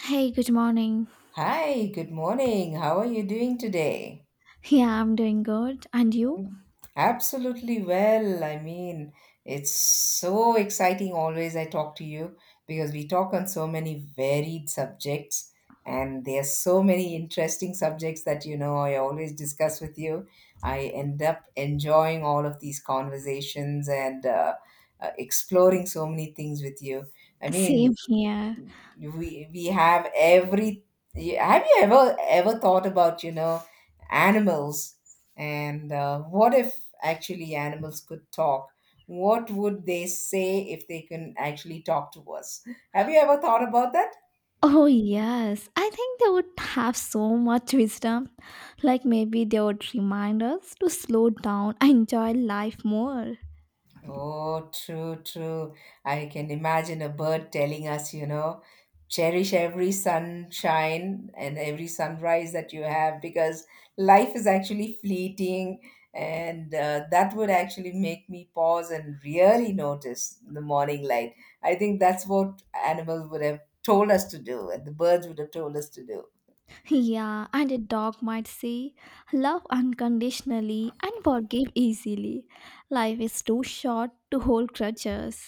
Hey, good morning. Hi, good morning. How are you doing today? Yeah, I'm doing good. And you? Absolutely well. It's so exciting always I talk to you because we talk on so many varied subjects, and there are so many interesting subjects that you know I always discuss with you. I end up enjoying all of these conversations, and exploring so many things with you. I Same mean, here. we have every— have you ever thought about, you know, animals? And what if actually animals could talk? What would they say if they can actually talk to us? Have you ever thought about that? Oh, yes. I think they would have so much wisdom. Like maybe they would remind us to slow down and enjoy life more. Oh, true, true. I can imagine a bird telling us, you know, cherish every sunshine and every sunrise that you have, because life is actually fleeting. And that would actually make me pause and really notice the morning light. I think that's what animals would have told us to do, and the birds would have told us to do. Yeah, and a dog might say, love unconditionally and forgive easily. Life is too short to hold grudges.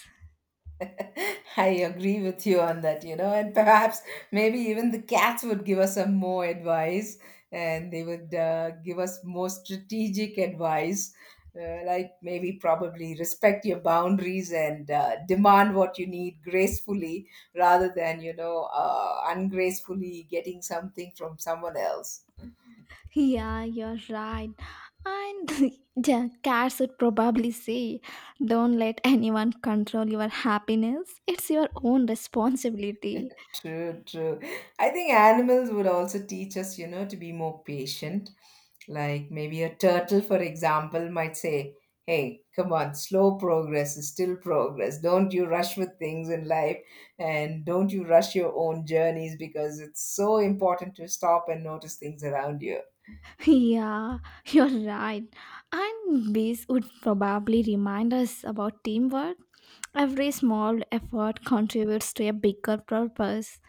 I agree with you on that, you know, and perhaps maybe even the cats would give us some more advice, and they would give us more strategic advice, like maybe probably respect your boundaries and demand what you need gracefully rather than, you know, ungracefully getting something from someone else. Yeah, you're right. And the cats would probably say, don't let anyone control your happiness. It's your own responsibility. True, true. I think animals would also teach us, you know, to be more patient. Like maybe a turtle, for example, might say, hey, come on, slow progress is still progress. Don't you rush with things in life, and don't you rush your own journeys, because it's so important to stop and notice things around you. Yeah, you're right. And bees would probably remind us about teamwork. Every small effort contributes to a bigger purpose.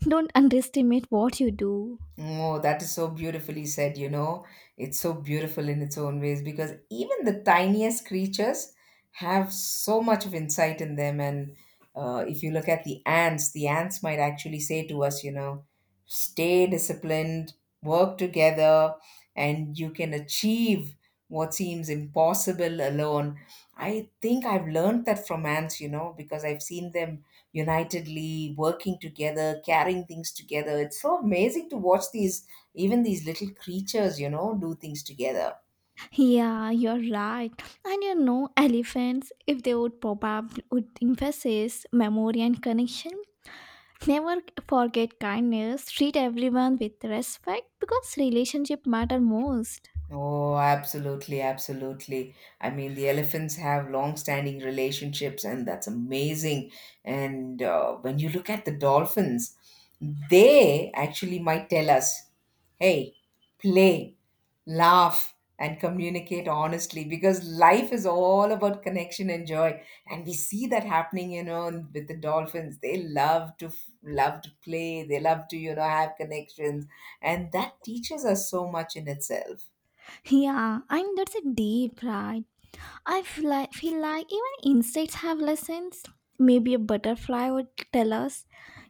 Don't underestimate what you do. Oh, that is so beautifully said, you know. It's so beautiful in its own ways, because even the tiniest creatures have so much of insight in them. And if you look at the ants might actually say to us, you know, stay disciplined, work together, and you can achieve what seems impossible alone. I think I've learned that from ants, you know, because I've seen them unitedly working together, carrying things together. It's so amazing to watch these, even these little creatures, you know, do things together. Yeah, you're right. And you know, elephants, if they would probably would emphasize memory and connection. Never forget kindness. Treat everyone with respect because relationship matter most. Oh, absolutely, absolutely. I mean, the elephants have long-standing relationships, and that's amazing. And when you look at the dolphins, they actually might tell us, hey, play, laugh, and communicate honestly, because life is all about connection and joy. And we see that happening, you know, with the dolphins. They love to f- love to play, they love to, you know, have connections, and that teaches us so much in itself. Yeah, and that's a deep right. I feel like even insects have lessons. Maybe a butterfly would tell us.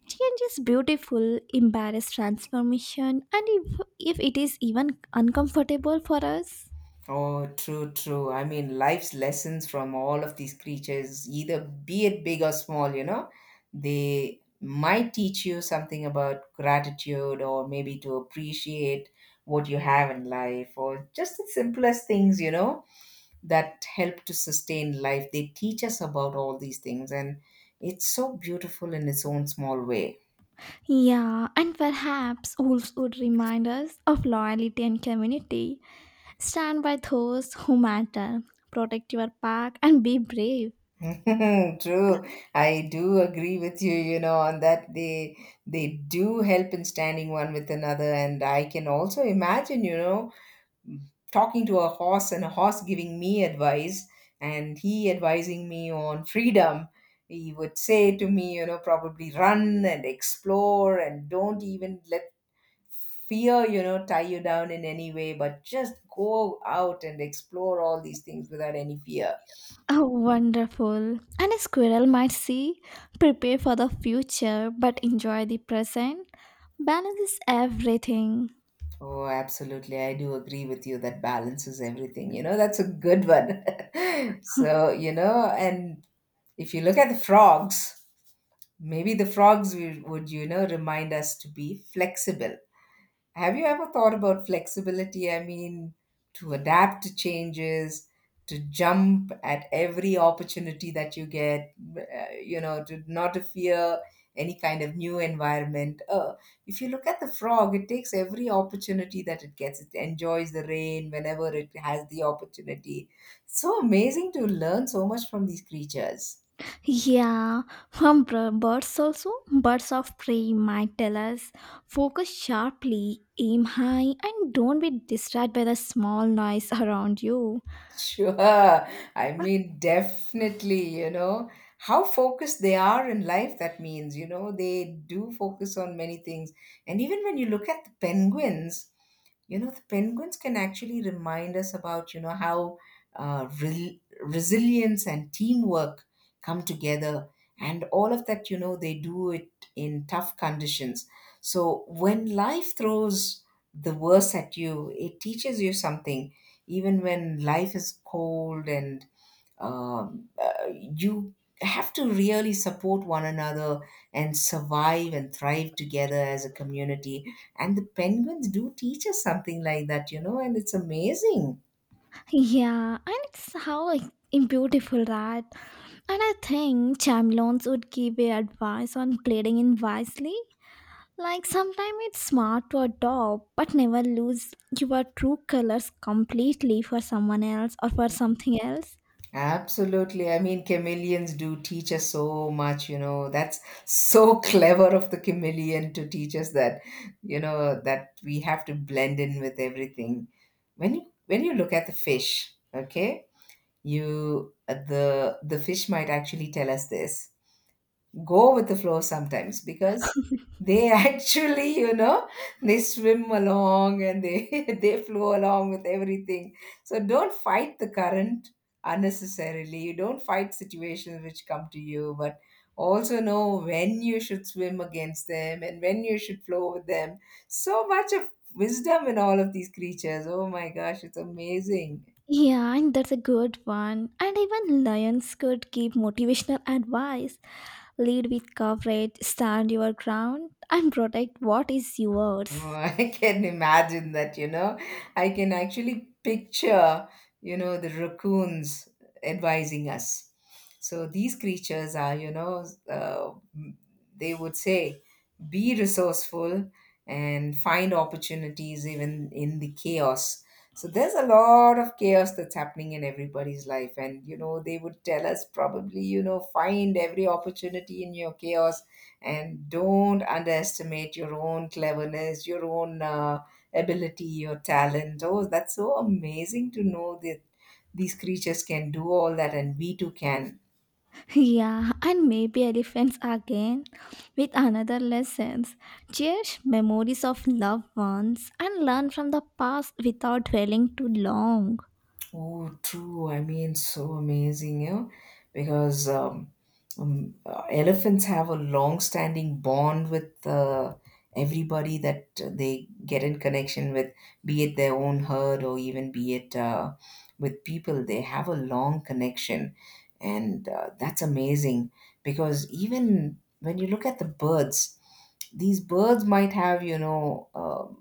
Change is beautiful, embarrass transformation, and if it is even uncomfortable for us. Oh, true, true. I mean, life's lessons from all of these creatures, either be it big or small, you know, they might teach you something about gratitude, or maybe to appreciate what you have in life, or just the simplest things, you know, that help to sustain life. They teach us about all these things, and it's so beautiful in its own small way. Yeah, and perhaps wolves would remind us of loyalty and community. Stand by those who matter, protect your pack, and be brave. True, I do agree with you, you know, on that. They do help in standing one with another, and I can also imagine, you know, talking to a horse, and a horse giving me advice and he advising me on freedom. He would say to me, you know, probably run and explore and don't even let fear, you know, tie you down in any way, but just go out and explore all these things without any fear. Oh, wonderful. And a squirrel might see, prepare for the future but enjoy the present. Balance is everything. Oh, absolutely. I do agree with you that balance is everything. You know, that's a good one. So, you know, and if you look at the frogs, maybe the frogs will- would, you know, remind us to be flexible. Have you ever thought about flexibility? I mean, to adapt to changes, to jump at every opportunity that you get, you know, to not to fear any kind of new environment. If you look at the frog, it takes every opportunity that it gets. It enjoys the rain whenever it has the opportunity. So amazing to learn so much from these creatures. Yeah, from birds also, birds of prey might tell us focus sharply, aim high, and don't be distracted by the small noise around you. Sure. I mean, definitely, you know, how focused they are in life. That means, you know, they do focus on many things. And even when you look at the penguins, you know, the penguins can actually remind us about, you know, how re- resilience and teamwork come together. And all of that, you know, they do it in tough conditions. So when life throws the worst at you, it teaches you something, even when life is cold and you have to really support one another and survive and thrive together as a community, and the penguins do teach us something like that, you know, and it's amazing. Yeah, and it's how like in beautiful right? And I think chameleons would give a advice on pleading in wisely. Like sometimes it's smart to adopt, but never lose your true colors completely for someone else or for something else. Absolutely. I mean, chameleons do teach us so much, you know. That's so clever of the chameleon to teach us that, you know, that we have to blend in with everything. When you look at the fish, okay? You the fish might actually tell us this: go with the flow sometimes, because they actually, you know, they swim along, and they they flow along with everything. So don't fight the current unnecessarily. You don't fight situations which come to you, but also know when you should swim against them and when you should flow with them. So much of wisdom in all of these creatures. Oh my gosh, it's amazing. Yeah, and that's a good one. And even lions could give motivational advice. Lead with courage, stand your ground, and protect what is Oh, yours. I can imagine that, you know. I can actually picture, you know, the raccoons advising us. So these creatures are, you know, they would say, be resourceful and find opportunities even in the chaos. So there's a lot of chaos that's happening in everybody's life. And, you know, they would tell us probably, you know, find every opportunity in your chaos, and don't underestimate your own cleverness, your own ability, your talent. Oh, that's so amazing to know that these creatures can do all that, and we too can. Yeah, and maybe elephants again with another lessons. Cherish memories of loved ones and learn from the past without dwelling too long. Oh, true. I mean, so amazing, you know, because elephants have a long-standing bond with everybody that they get in connection with, be it their own herd, or even be it with people. They have a long connection, and that's amazing, because even when you look at the birds, these birds might have, you know,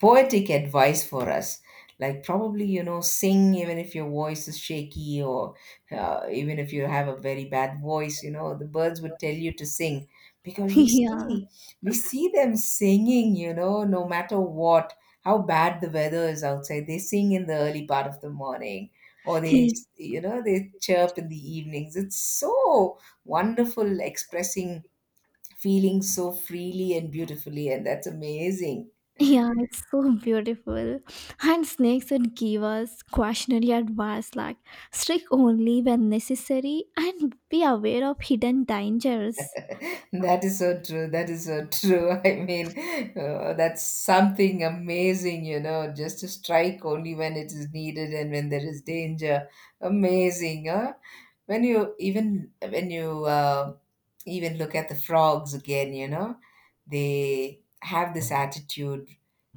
poetic advice for us, like probably, you know, sing even if your voice is shaky, or even if you have a very bad voice, you know, the birds would tell you to sing, because Yeah, we see them singing, you know, no matter what, how bad the weather is outside, they sing in the early part of the morning, or they he, you know they chirp in the evenings. It's so wonderful, expressing feelings so freely and beautifully, and that's amazing. yeah, it's so beautiful. And snakes would give us cautionary advice like strike only when necessary and be aware of hidden dangers. That is so true. That is so true. I mean, that's something amazing, you know, just to strike only when it is needed and when there is danger. Amazing, huh? When you even look at the frogs again, you know, they have this attitude,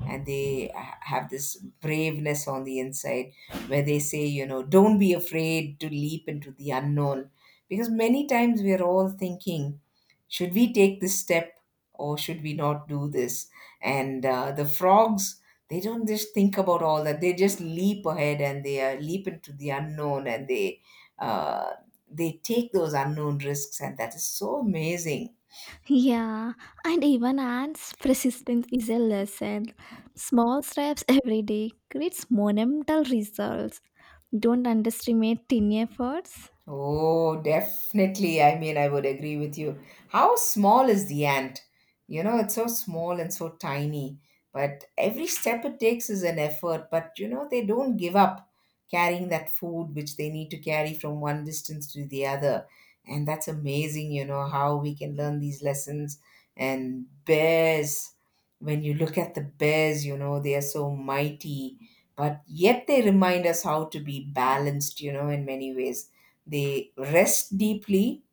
and they ha- have this braveness on the inside, where they say, you know, don't be afraid to leap into the unknown, because many times we are all thinking, should we take this step or should we not do this? And the frogs, they don't just think about all that. They just leap ahead, and they leap into the unknown, and uh, they take those unknown risks, and that is so amazing. Yeah, and even ants' persistence is a lesson. Small steps every day creates monumental results. Don't underestimate tiny efforts. Oh, definitely. I mean, I would agree with you. How small is the ant? You know, it's so small and so tiny, but every step it takes is an effort. But, you know, they don't give up carrying that food which they need to carry from one distance to the other. And that's amazing, you know, how we can learn these lessons. And bears, when you look at the bears, you know, they are so mighty, but yet they remind us how to be balanced, you know. In many ways, they rest deeply,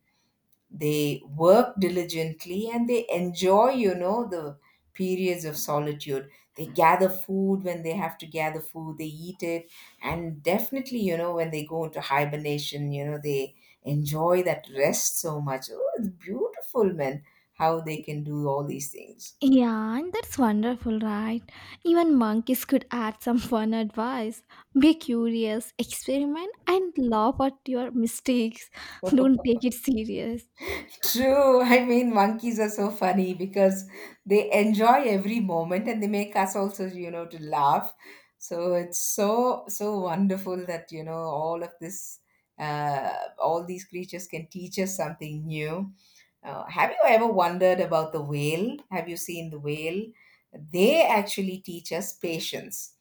they work diligently, and they enjoy, you know, the periods of solitude. They gather food. When they have to gather food, they eat it. And definitely, you know, when they go into hibernation, you know, they enjoy that rest so much. Oh, it's beautiful, man, how they can do all these things. Yeah, and that's wonderful, right? Even monkeys could add some fun advice. Be curious, experiment, and laugh at your mistakes. Don't take it serious. True. I mean, monkeys are so funny, because they enjoy every moment, and they make us also, you know, to laugh. So it's so, so wonderful that, you know, all of this, uh, all these creatures can teach us something new. Have you ever wondered about the whale? Have you seen the whale? They actually teach us patience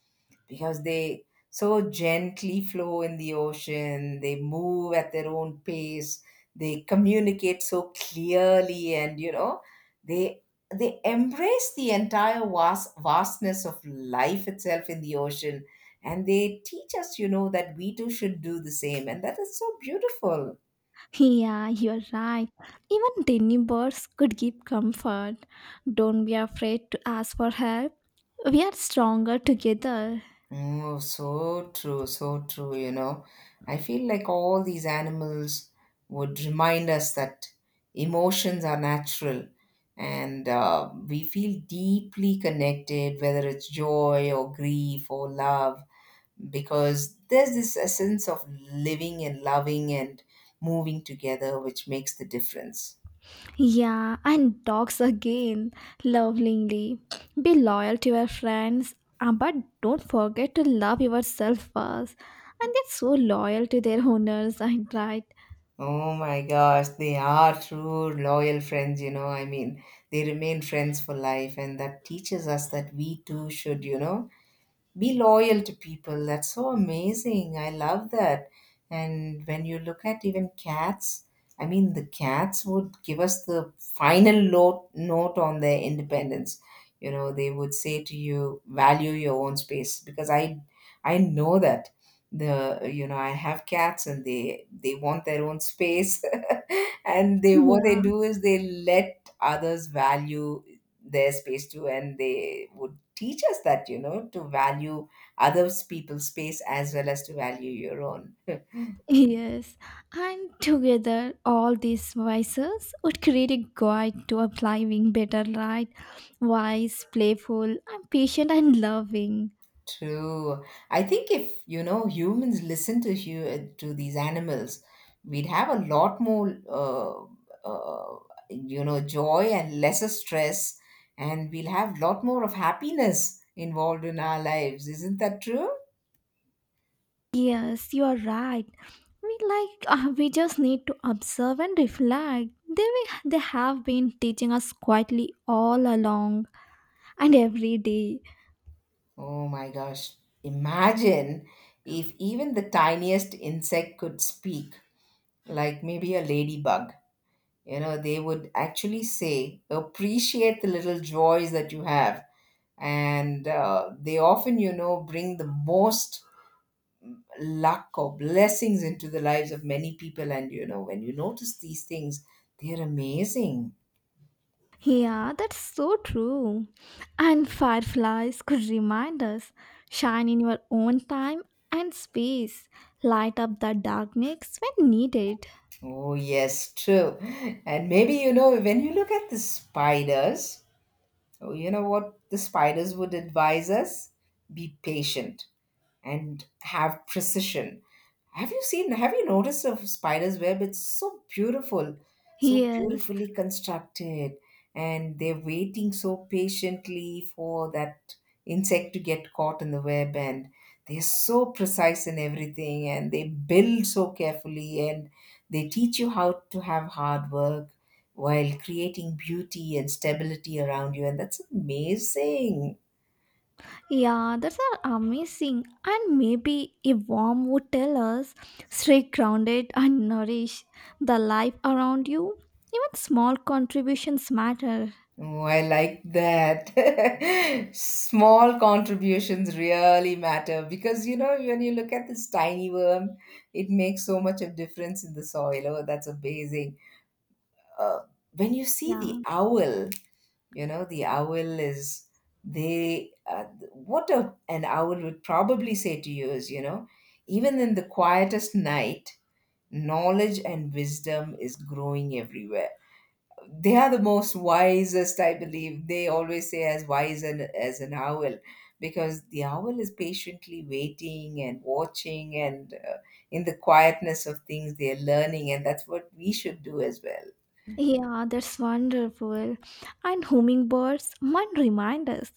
because they so gently flow in the ocean. They move at their own pace, they communicate so clearly, and they they embrace the entire vastness of life itself in the ocean. And they teach us that we too should do the same, and that is so beautiful. Yeah, you're right. Even tiny birds could give comfort. Don't be afraid to ask for help. We are stronger together. Oh, so true, so true. I feel like all these animals would remind us that emotions are natural, and we feel deeply connected, whether it's joy or grief or love, because there's this essence of living and loving and moving together, which makes the difference. Yeah, and dogs again, lovingly. Be loyal to your friends, but don't forget to love yourself first. And they're so loyal to their owners, I right? Oh my gosh, they are true loyal friends. I mean, they remain friends for life, and that teaches us that we too should, be loyal to people. That's so amazing. I love that. And when you look at even cats, I mean, the cats would give us the final note on their independence. You know, they would say to you, value your own space, because I know that the you know I have cats, and they want their own space, and they what they Yeah. do is they let others value their space too, and they would teach us that to value others people's space, as well as to value your own. Yes, and together all these voices would create a guide to applying better light, wise, playful, and patient and loving. True. I think if humans listen to to these animals, we'd have a lot more uh, joy and lesser stress, and we'll have a lot more of happiness involved in our lives. Isn't that true? Yes, you are right. We just need to observe and reflect. They have been teaching us quietly all along and every day. Oh my gosh. Imagine if even the tiniest insect could speak, like maybe a ladybug. You know, they would actually say, appreciate the little joys that you have. And they often, bring the most luck or blessings into the lives of many people. And, when you notice these things, they're amazing. Yeah, that's so true. And fireflies could remind us shine in your own time and space, light up the darkness when needed. Oh, yes, true. And maybe, when you look at the spiders. So, you know what the spiders would advise us? Be patient and have precision. Have you noticed a spider's web? It's so beautiful, so Yes, beautifully constructed, and they're waiting so patiently for that insect to get caught in the web, and they're so precise in everything, and they build so carefully, and they teach you how to have hard work while creating beauty and stability around you, and that's amazing. yeah, that's are amazing. And maybe a worm would tell us stay grounded and nourish the life around you. Even small contributions matter. Oh, I like that. Small contributions really matter, because when you look at this tiny worm, it makes so much of difference in the soil. Oh, that's amazing. Uh, when you see Yeah. the owl, you know the owl is they. An owl would probably say to you is, even in the quietest night, knowledge and wisdom is growing everywhere. They are the most wisest, I believe. They always say, as wise as an owl, because the owl is patiently waiting and watching, and in the quietness of things, they're learning, and that's what we should do as well. Yeah, that's wonderful. And hummingbirds might remind us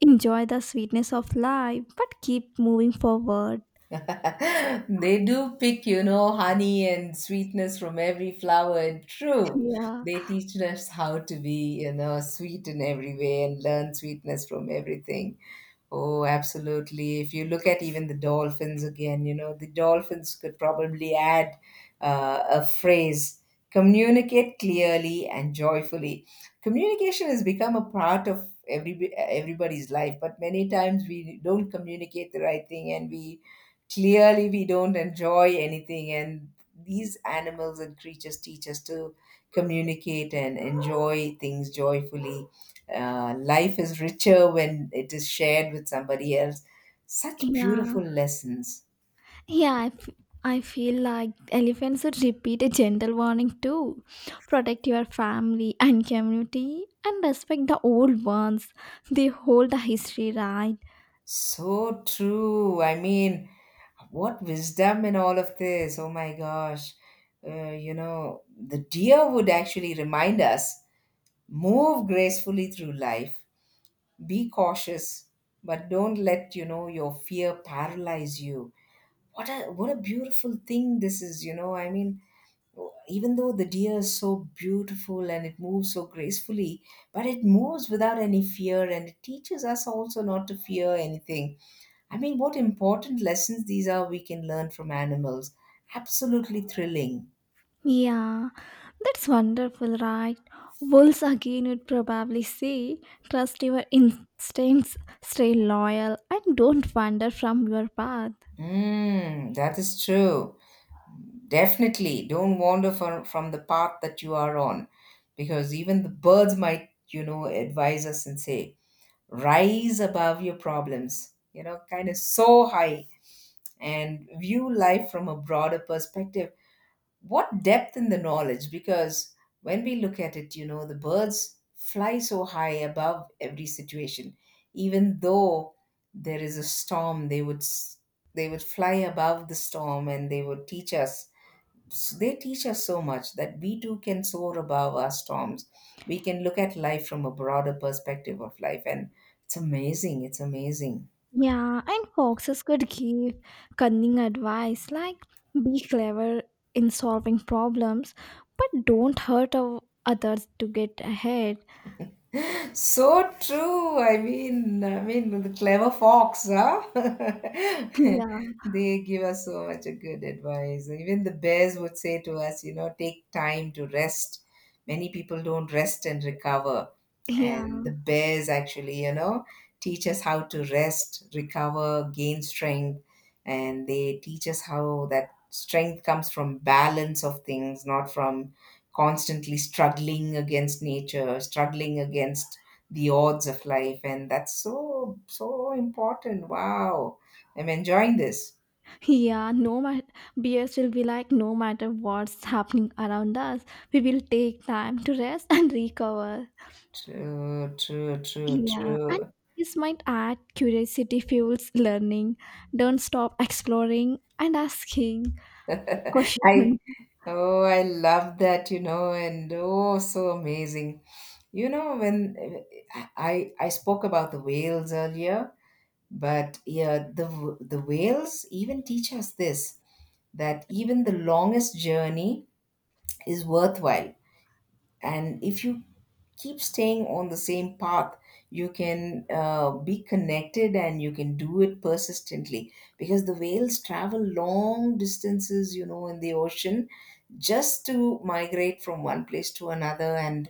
enjoy the sweetness of life, but keep moving forward. They do pick, honey and sweetness from every flower. And true, Yeah, they teach us how to be, sweet in every way, and learn sweetness from everything. Oh, absolutely. If you look at even the dolphins again, the dolphins could probably add a phrase, communicate clearly and joyfully. Communication has become a part of everybody's life, but many times we don't communicate the right thing, and we, clearly, we don't enjoy anything, and these animals and creatures teach us to communicate and enjoy things joyfully. Life is richer when it is shared with somebody else. Such yeah, beautiful lessons. yeah. I feel like elephants should repeat a gentle warning too. Protect your family and community and respect the old ones. They hold the history, right? So true. I mean, what wisdom in all of this. Oh my gosh. You know, the deer would actually remind us, move gracefully through life, be cautious, but don't let, your fear paralyze you. What a beautiful thing this is. I mean, even though the deer is so beautiful and it moves so gracefully, but it moves without any fear, and it teaches us also not to fear anything. I mean, what important lessons these are we can learn from animals. Absolutely thrilling. Yeah, that's wonderful, right? Wolves again would probably say, trust your instincts, stay loyal, and don't wander from your path. Mm, that is true. Definitely don't wander from the path that you are on, because even the birds might, advise us and say, rise above your problems, kind of so high, and view life from a broader perspective. What depth in the knowledge? Because when we look at it, the birds fly so high above every situation. Even though there is a storm, they would fly above the storm, and they would teach us. They teach us so much that we too can soar above our storms. We can look at life from a broader perspective of life, and it's amazing. It's amazing. Yeah, and foxes could give cunning advice like be clever in solving problems, but don't hurt others to get ahead. So true. I mean, the clever fox, huh? Yeah, They give us so much a good advice. Even the bears would say to us, take time to rest. Many people don't rest and recover. yeah. And the bears actually, teach us how to rest, recover, gain strength. And they teach us how that strength comes from balance of things, not from constantly struggling against nature, struggling against the odds of life, and that's so, so important. Wow, I'm enjoying this. Yeah, no matter bears will be like no matter what's happening around us, we will take time to rest and recover. True, true, true, Yeah, and true. this might add curiosity fuels learning. Don't stop exploring and asking I questions. Oh, I love that, and oh, so amazing. You know when I spoke about the whales earlier, but yeah, the whales even teach us this, that even the longest journey is worthwhile, and if you keep staying on the same path, you can, be connected, and you can do it persistently, because the whales travel long distances, in the ocean, just to migrate from one place to another. And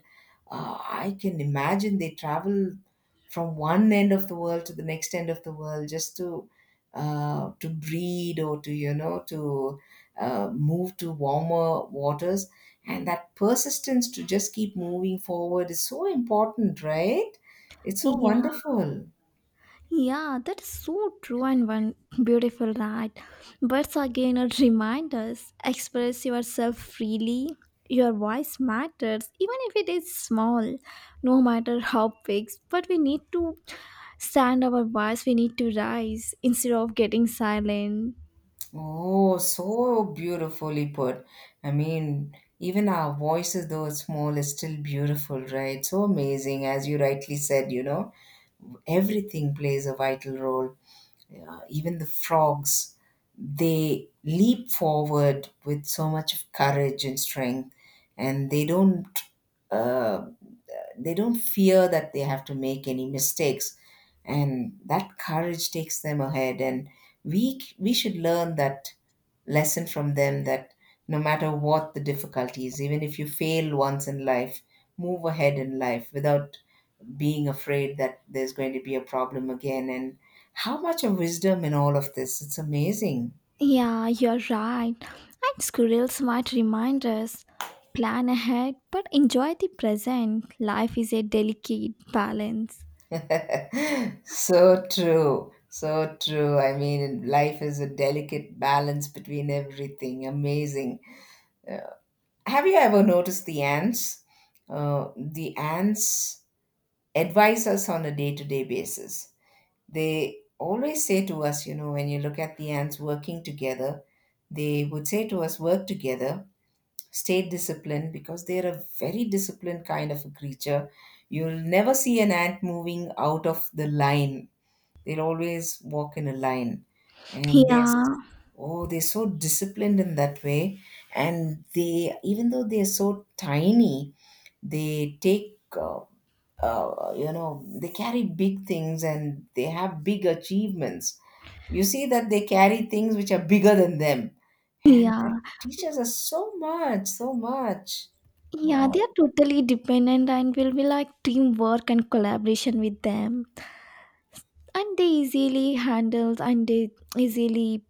I can imagine they travel from one end of the world to the next end of the world, just to breed, or to you know to move to warmer waters, and that persistence to just keep moving forward is so important, right? It's so Yeah. wonderful. Yeah, that is so true and one beautiful right. Birds again are reminders. Express yourself freely. Your voice matters, even if it is small, no matter how big. But we need to stand our voice, we need to rise instead of getting silent. Oh, so beautifully put. I mean, even our voices, though small, is still beautiful, right? So amazing, as you rightly said, everything plays a vital role. Even the frogs, they leap forward with so much of courage and strength, and uh, they don't fear that they have to make any mistakes, and that courage takes them ahead. And we should learn that lesson from them, that no matter what the difficulties, even if you fail once in life, move ahead in life without being afraid that there's going to be a problem again. And how much of wisdom in all of this? It's amazing. Yeah, you're right. And squirrels might remind us plan ahead, but enjoy the present. Life is a delicate balance. So true. So true. I mean, life is a delicate balance between everything. Amazing. Have you ever noticed the ants? The ants advise us on a day to day basis. They always say to us, when you look at the ants working together, they would say to us, work together, stay disciplined, because they're a very disciplined kind of a creature. You'll never see an ant moving out of the line. They'll always walk in a line. And they're, s- Yeah, oh, they're so disciplined in that way. And they, even though they're so tiny, they take you know they carry big things, and they have big achievements. You see that they carry things which are bigger than them, and that yeah. teaches us so much, so much. Yeah, Wow. they are totally dependent and will be like teamwork and collaboration with them. And they easily handle and they easily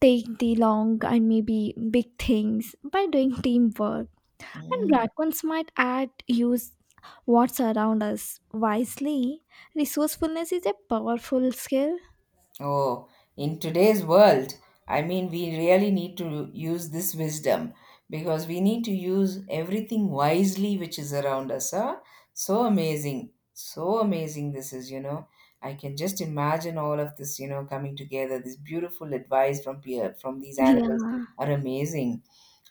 take the long and maybe big things by doing teamwork. And Mm. raccoons might add use what's around us wisely. Resourcefulness is a powerful skill. Oh, in today's world, I mean, we really need to use this wisdom, because we need to use everything wisely which is around us. Huh? So amazing. So amazing this is. I can just imagine all of this, coming together. This beautiful advice from from these Yeah. animals are amazing.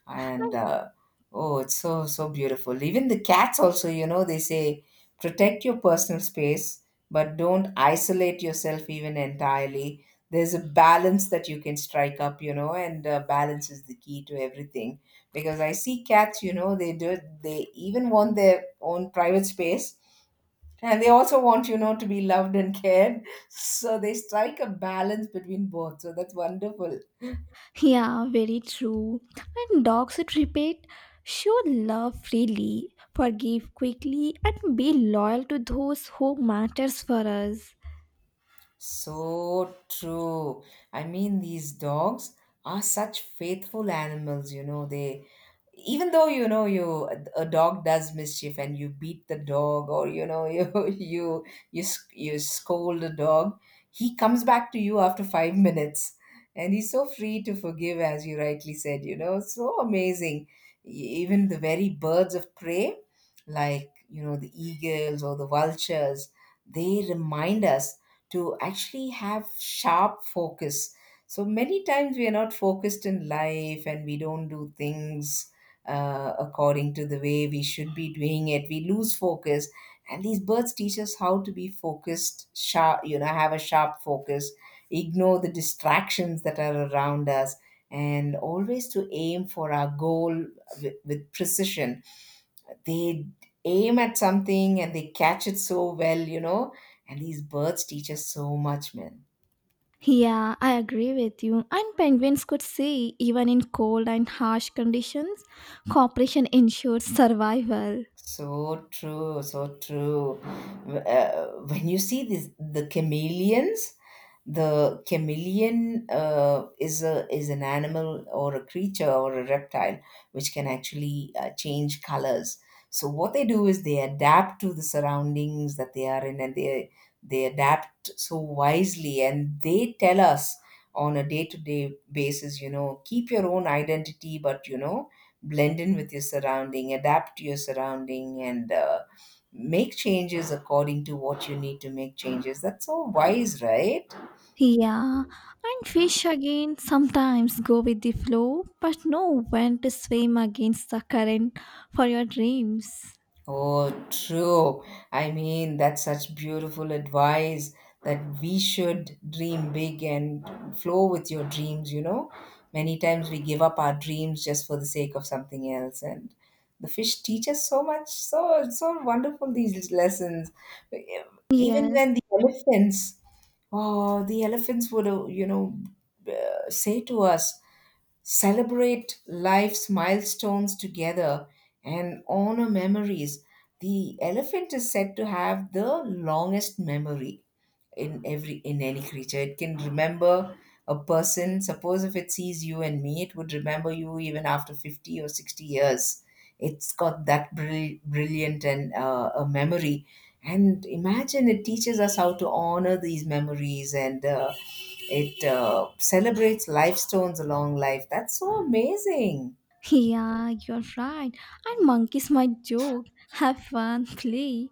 And oh, it's so, so beautiful. Even the cats also, they say, protect your personal space, but don't isolate yourself even entirely. There's a balance that you can strike up, and balance is the key to everything, because I see cats, they do, they even want their own private space, and they also want, to be loved and cared, so they strike a balance between both, so that's wonderful. Yeah, very true. And dogs that repeat show love freely, forgive quickly, and be loyal to those who matters for us. So true. I mean, these dogs are such faithful animals. They, even though you know you a dog does mischief, and you beat the dog, or you scold the dog, he comes back to you after 5 minutes, and he's so free to forgive, as you rightly said. It's so amazing. E- Even the very birds of prey, like the eagles or the vultures, they remind us to actually have sharp focus. So many times we are not focused in life, and we don't do things according to the way we should be doing it. We lose focus. And these birds teach us how to be focused, sharp, have a sharp focus, ignore the distractions that are around us, and always to aim for our goal with precision. They aim at something, and they catch it so well. And these birds teach us so much, man. Yeah, I agree with you. And penguins could say even in cold and harsh conditions, cooperation ensures survival. So true, so true. When you see this, the chameleons, the chameleon is a is an animal or a creature or a reptile, which can actually change colors. So what they do is they adapt to the surroundings that they are in, and they adapt so wisely, and they tell us on a day to day basis, keep your own identity, but blend in with your surrounding, adapt to your surrounding, and make changes according to what you need to make changes. That's so wise, right? Yeah, and fish again sometimes go with the flow, but know when to swim against the current for your dreams. Oh, true. I mean, that's such beautiful advice, that we should dream big and flow with your dreams, you know? Many times we give up our dreams just for the sake of something else, and the fish teach us so much, so so wonderful these lessons. Even Yes. when the elephants Oh, the elephants would, say to us, celebrate life's milestones together and honor memories. The elephant is said to have the longest memory in every in any creature. It can remember a person. Suppose if it sees you and me, it would remember you even after 50 or 60 years. It's got that brilliant and a memory. And imagine, it teaches us how to honor these memories, and it celebrates life stones along life. That's so amazing. Yeah, you're right. And monkeys might joke, have fun, play,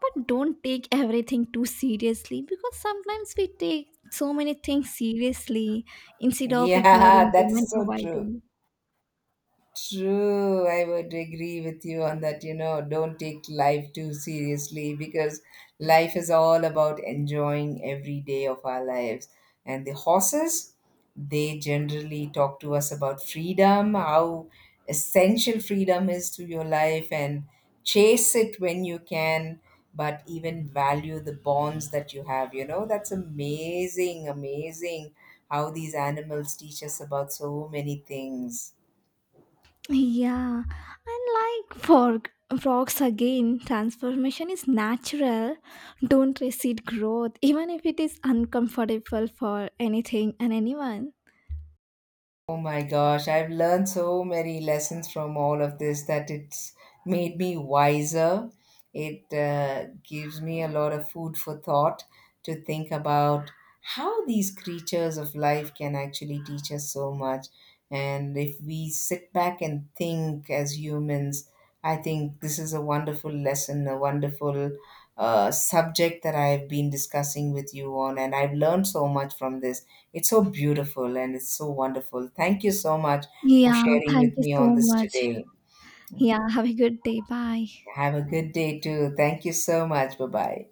but don't take everything too seriously because sometimes we take so many things seriously instead of Yeah, ignoring that them is and so true. avoiding. True, I would agree with you on that. Don't take life too seriously, because life is all about enjoying every day of our lives. And the horses, they generally talk to us about freedom, how essential freedom is to your life, and chase it when you can, but even value the bonds that you have. You know, that's amazing, amazing, how these animals teach us about so many things. Yeah, and like for frogs again, transformation is natural. Don't resist growth, even if it is uncomfortable for anything and anyone. Oh my gosh, I've learned so many lessons from all of this that it's made me wiser. It gives me a lot of food for thought to think about how these creatures of life can actually teach us so much. And if we sit back and think as humans, I think this is a wonderful lesson, a wonderful subject that I've been discussing with you on. And I've learned so much from this. It's so beautiful and it's so wonderful. Thank you so much for Yeah, sharing thank with you me on so this much. today. Yeah, have a good day. Bye. Have a good day too. Thank you so much. Bye bye.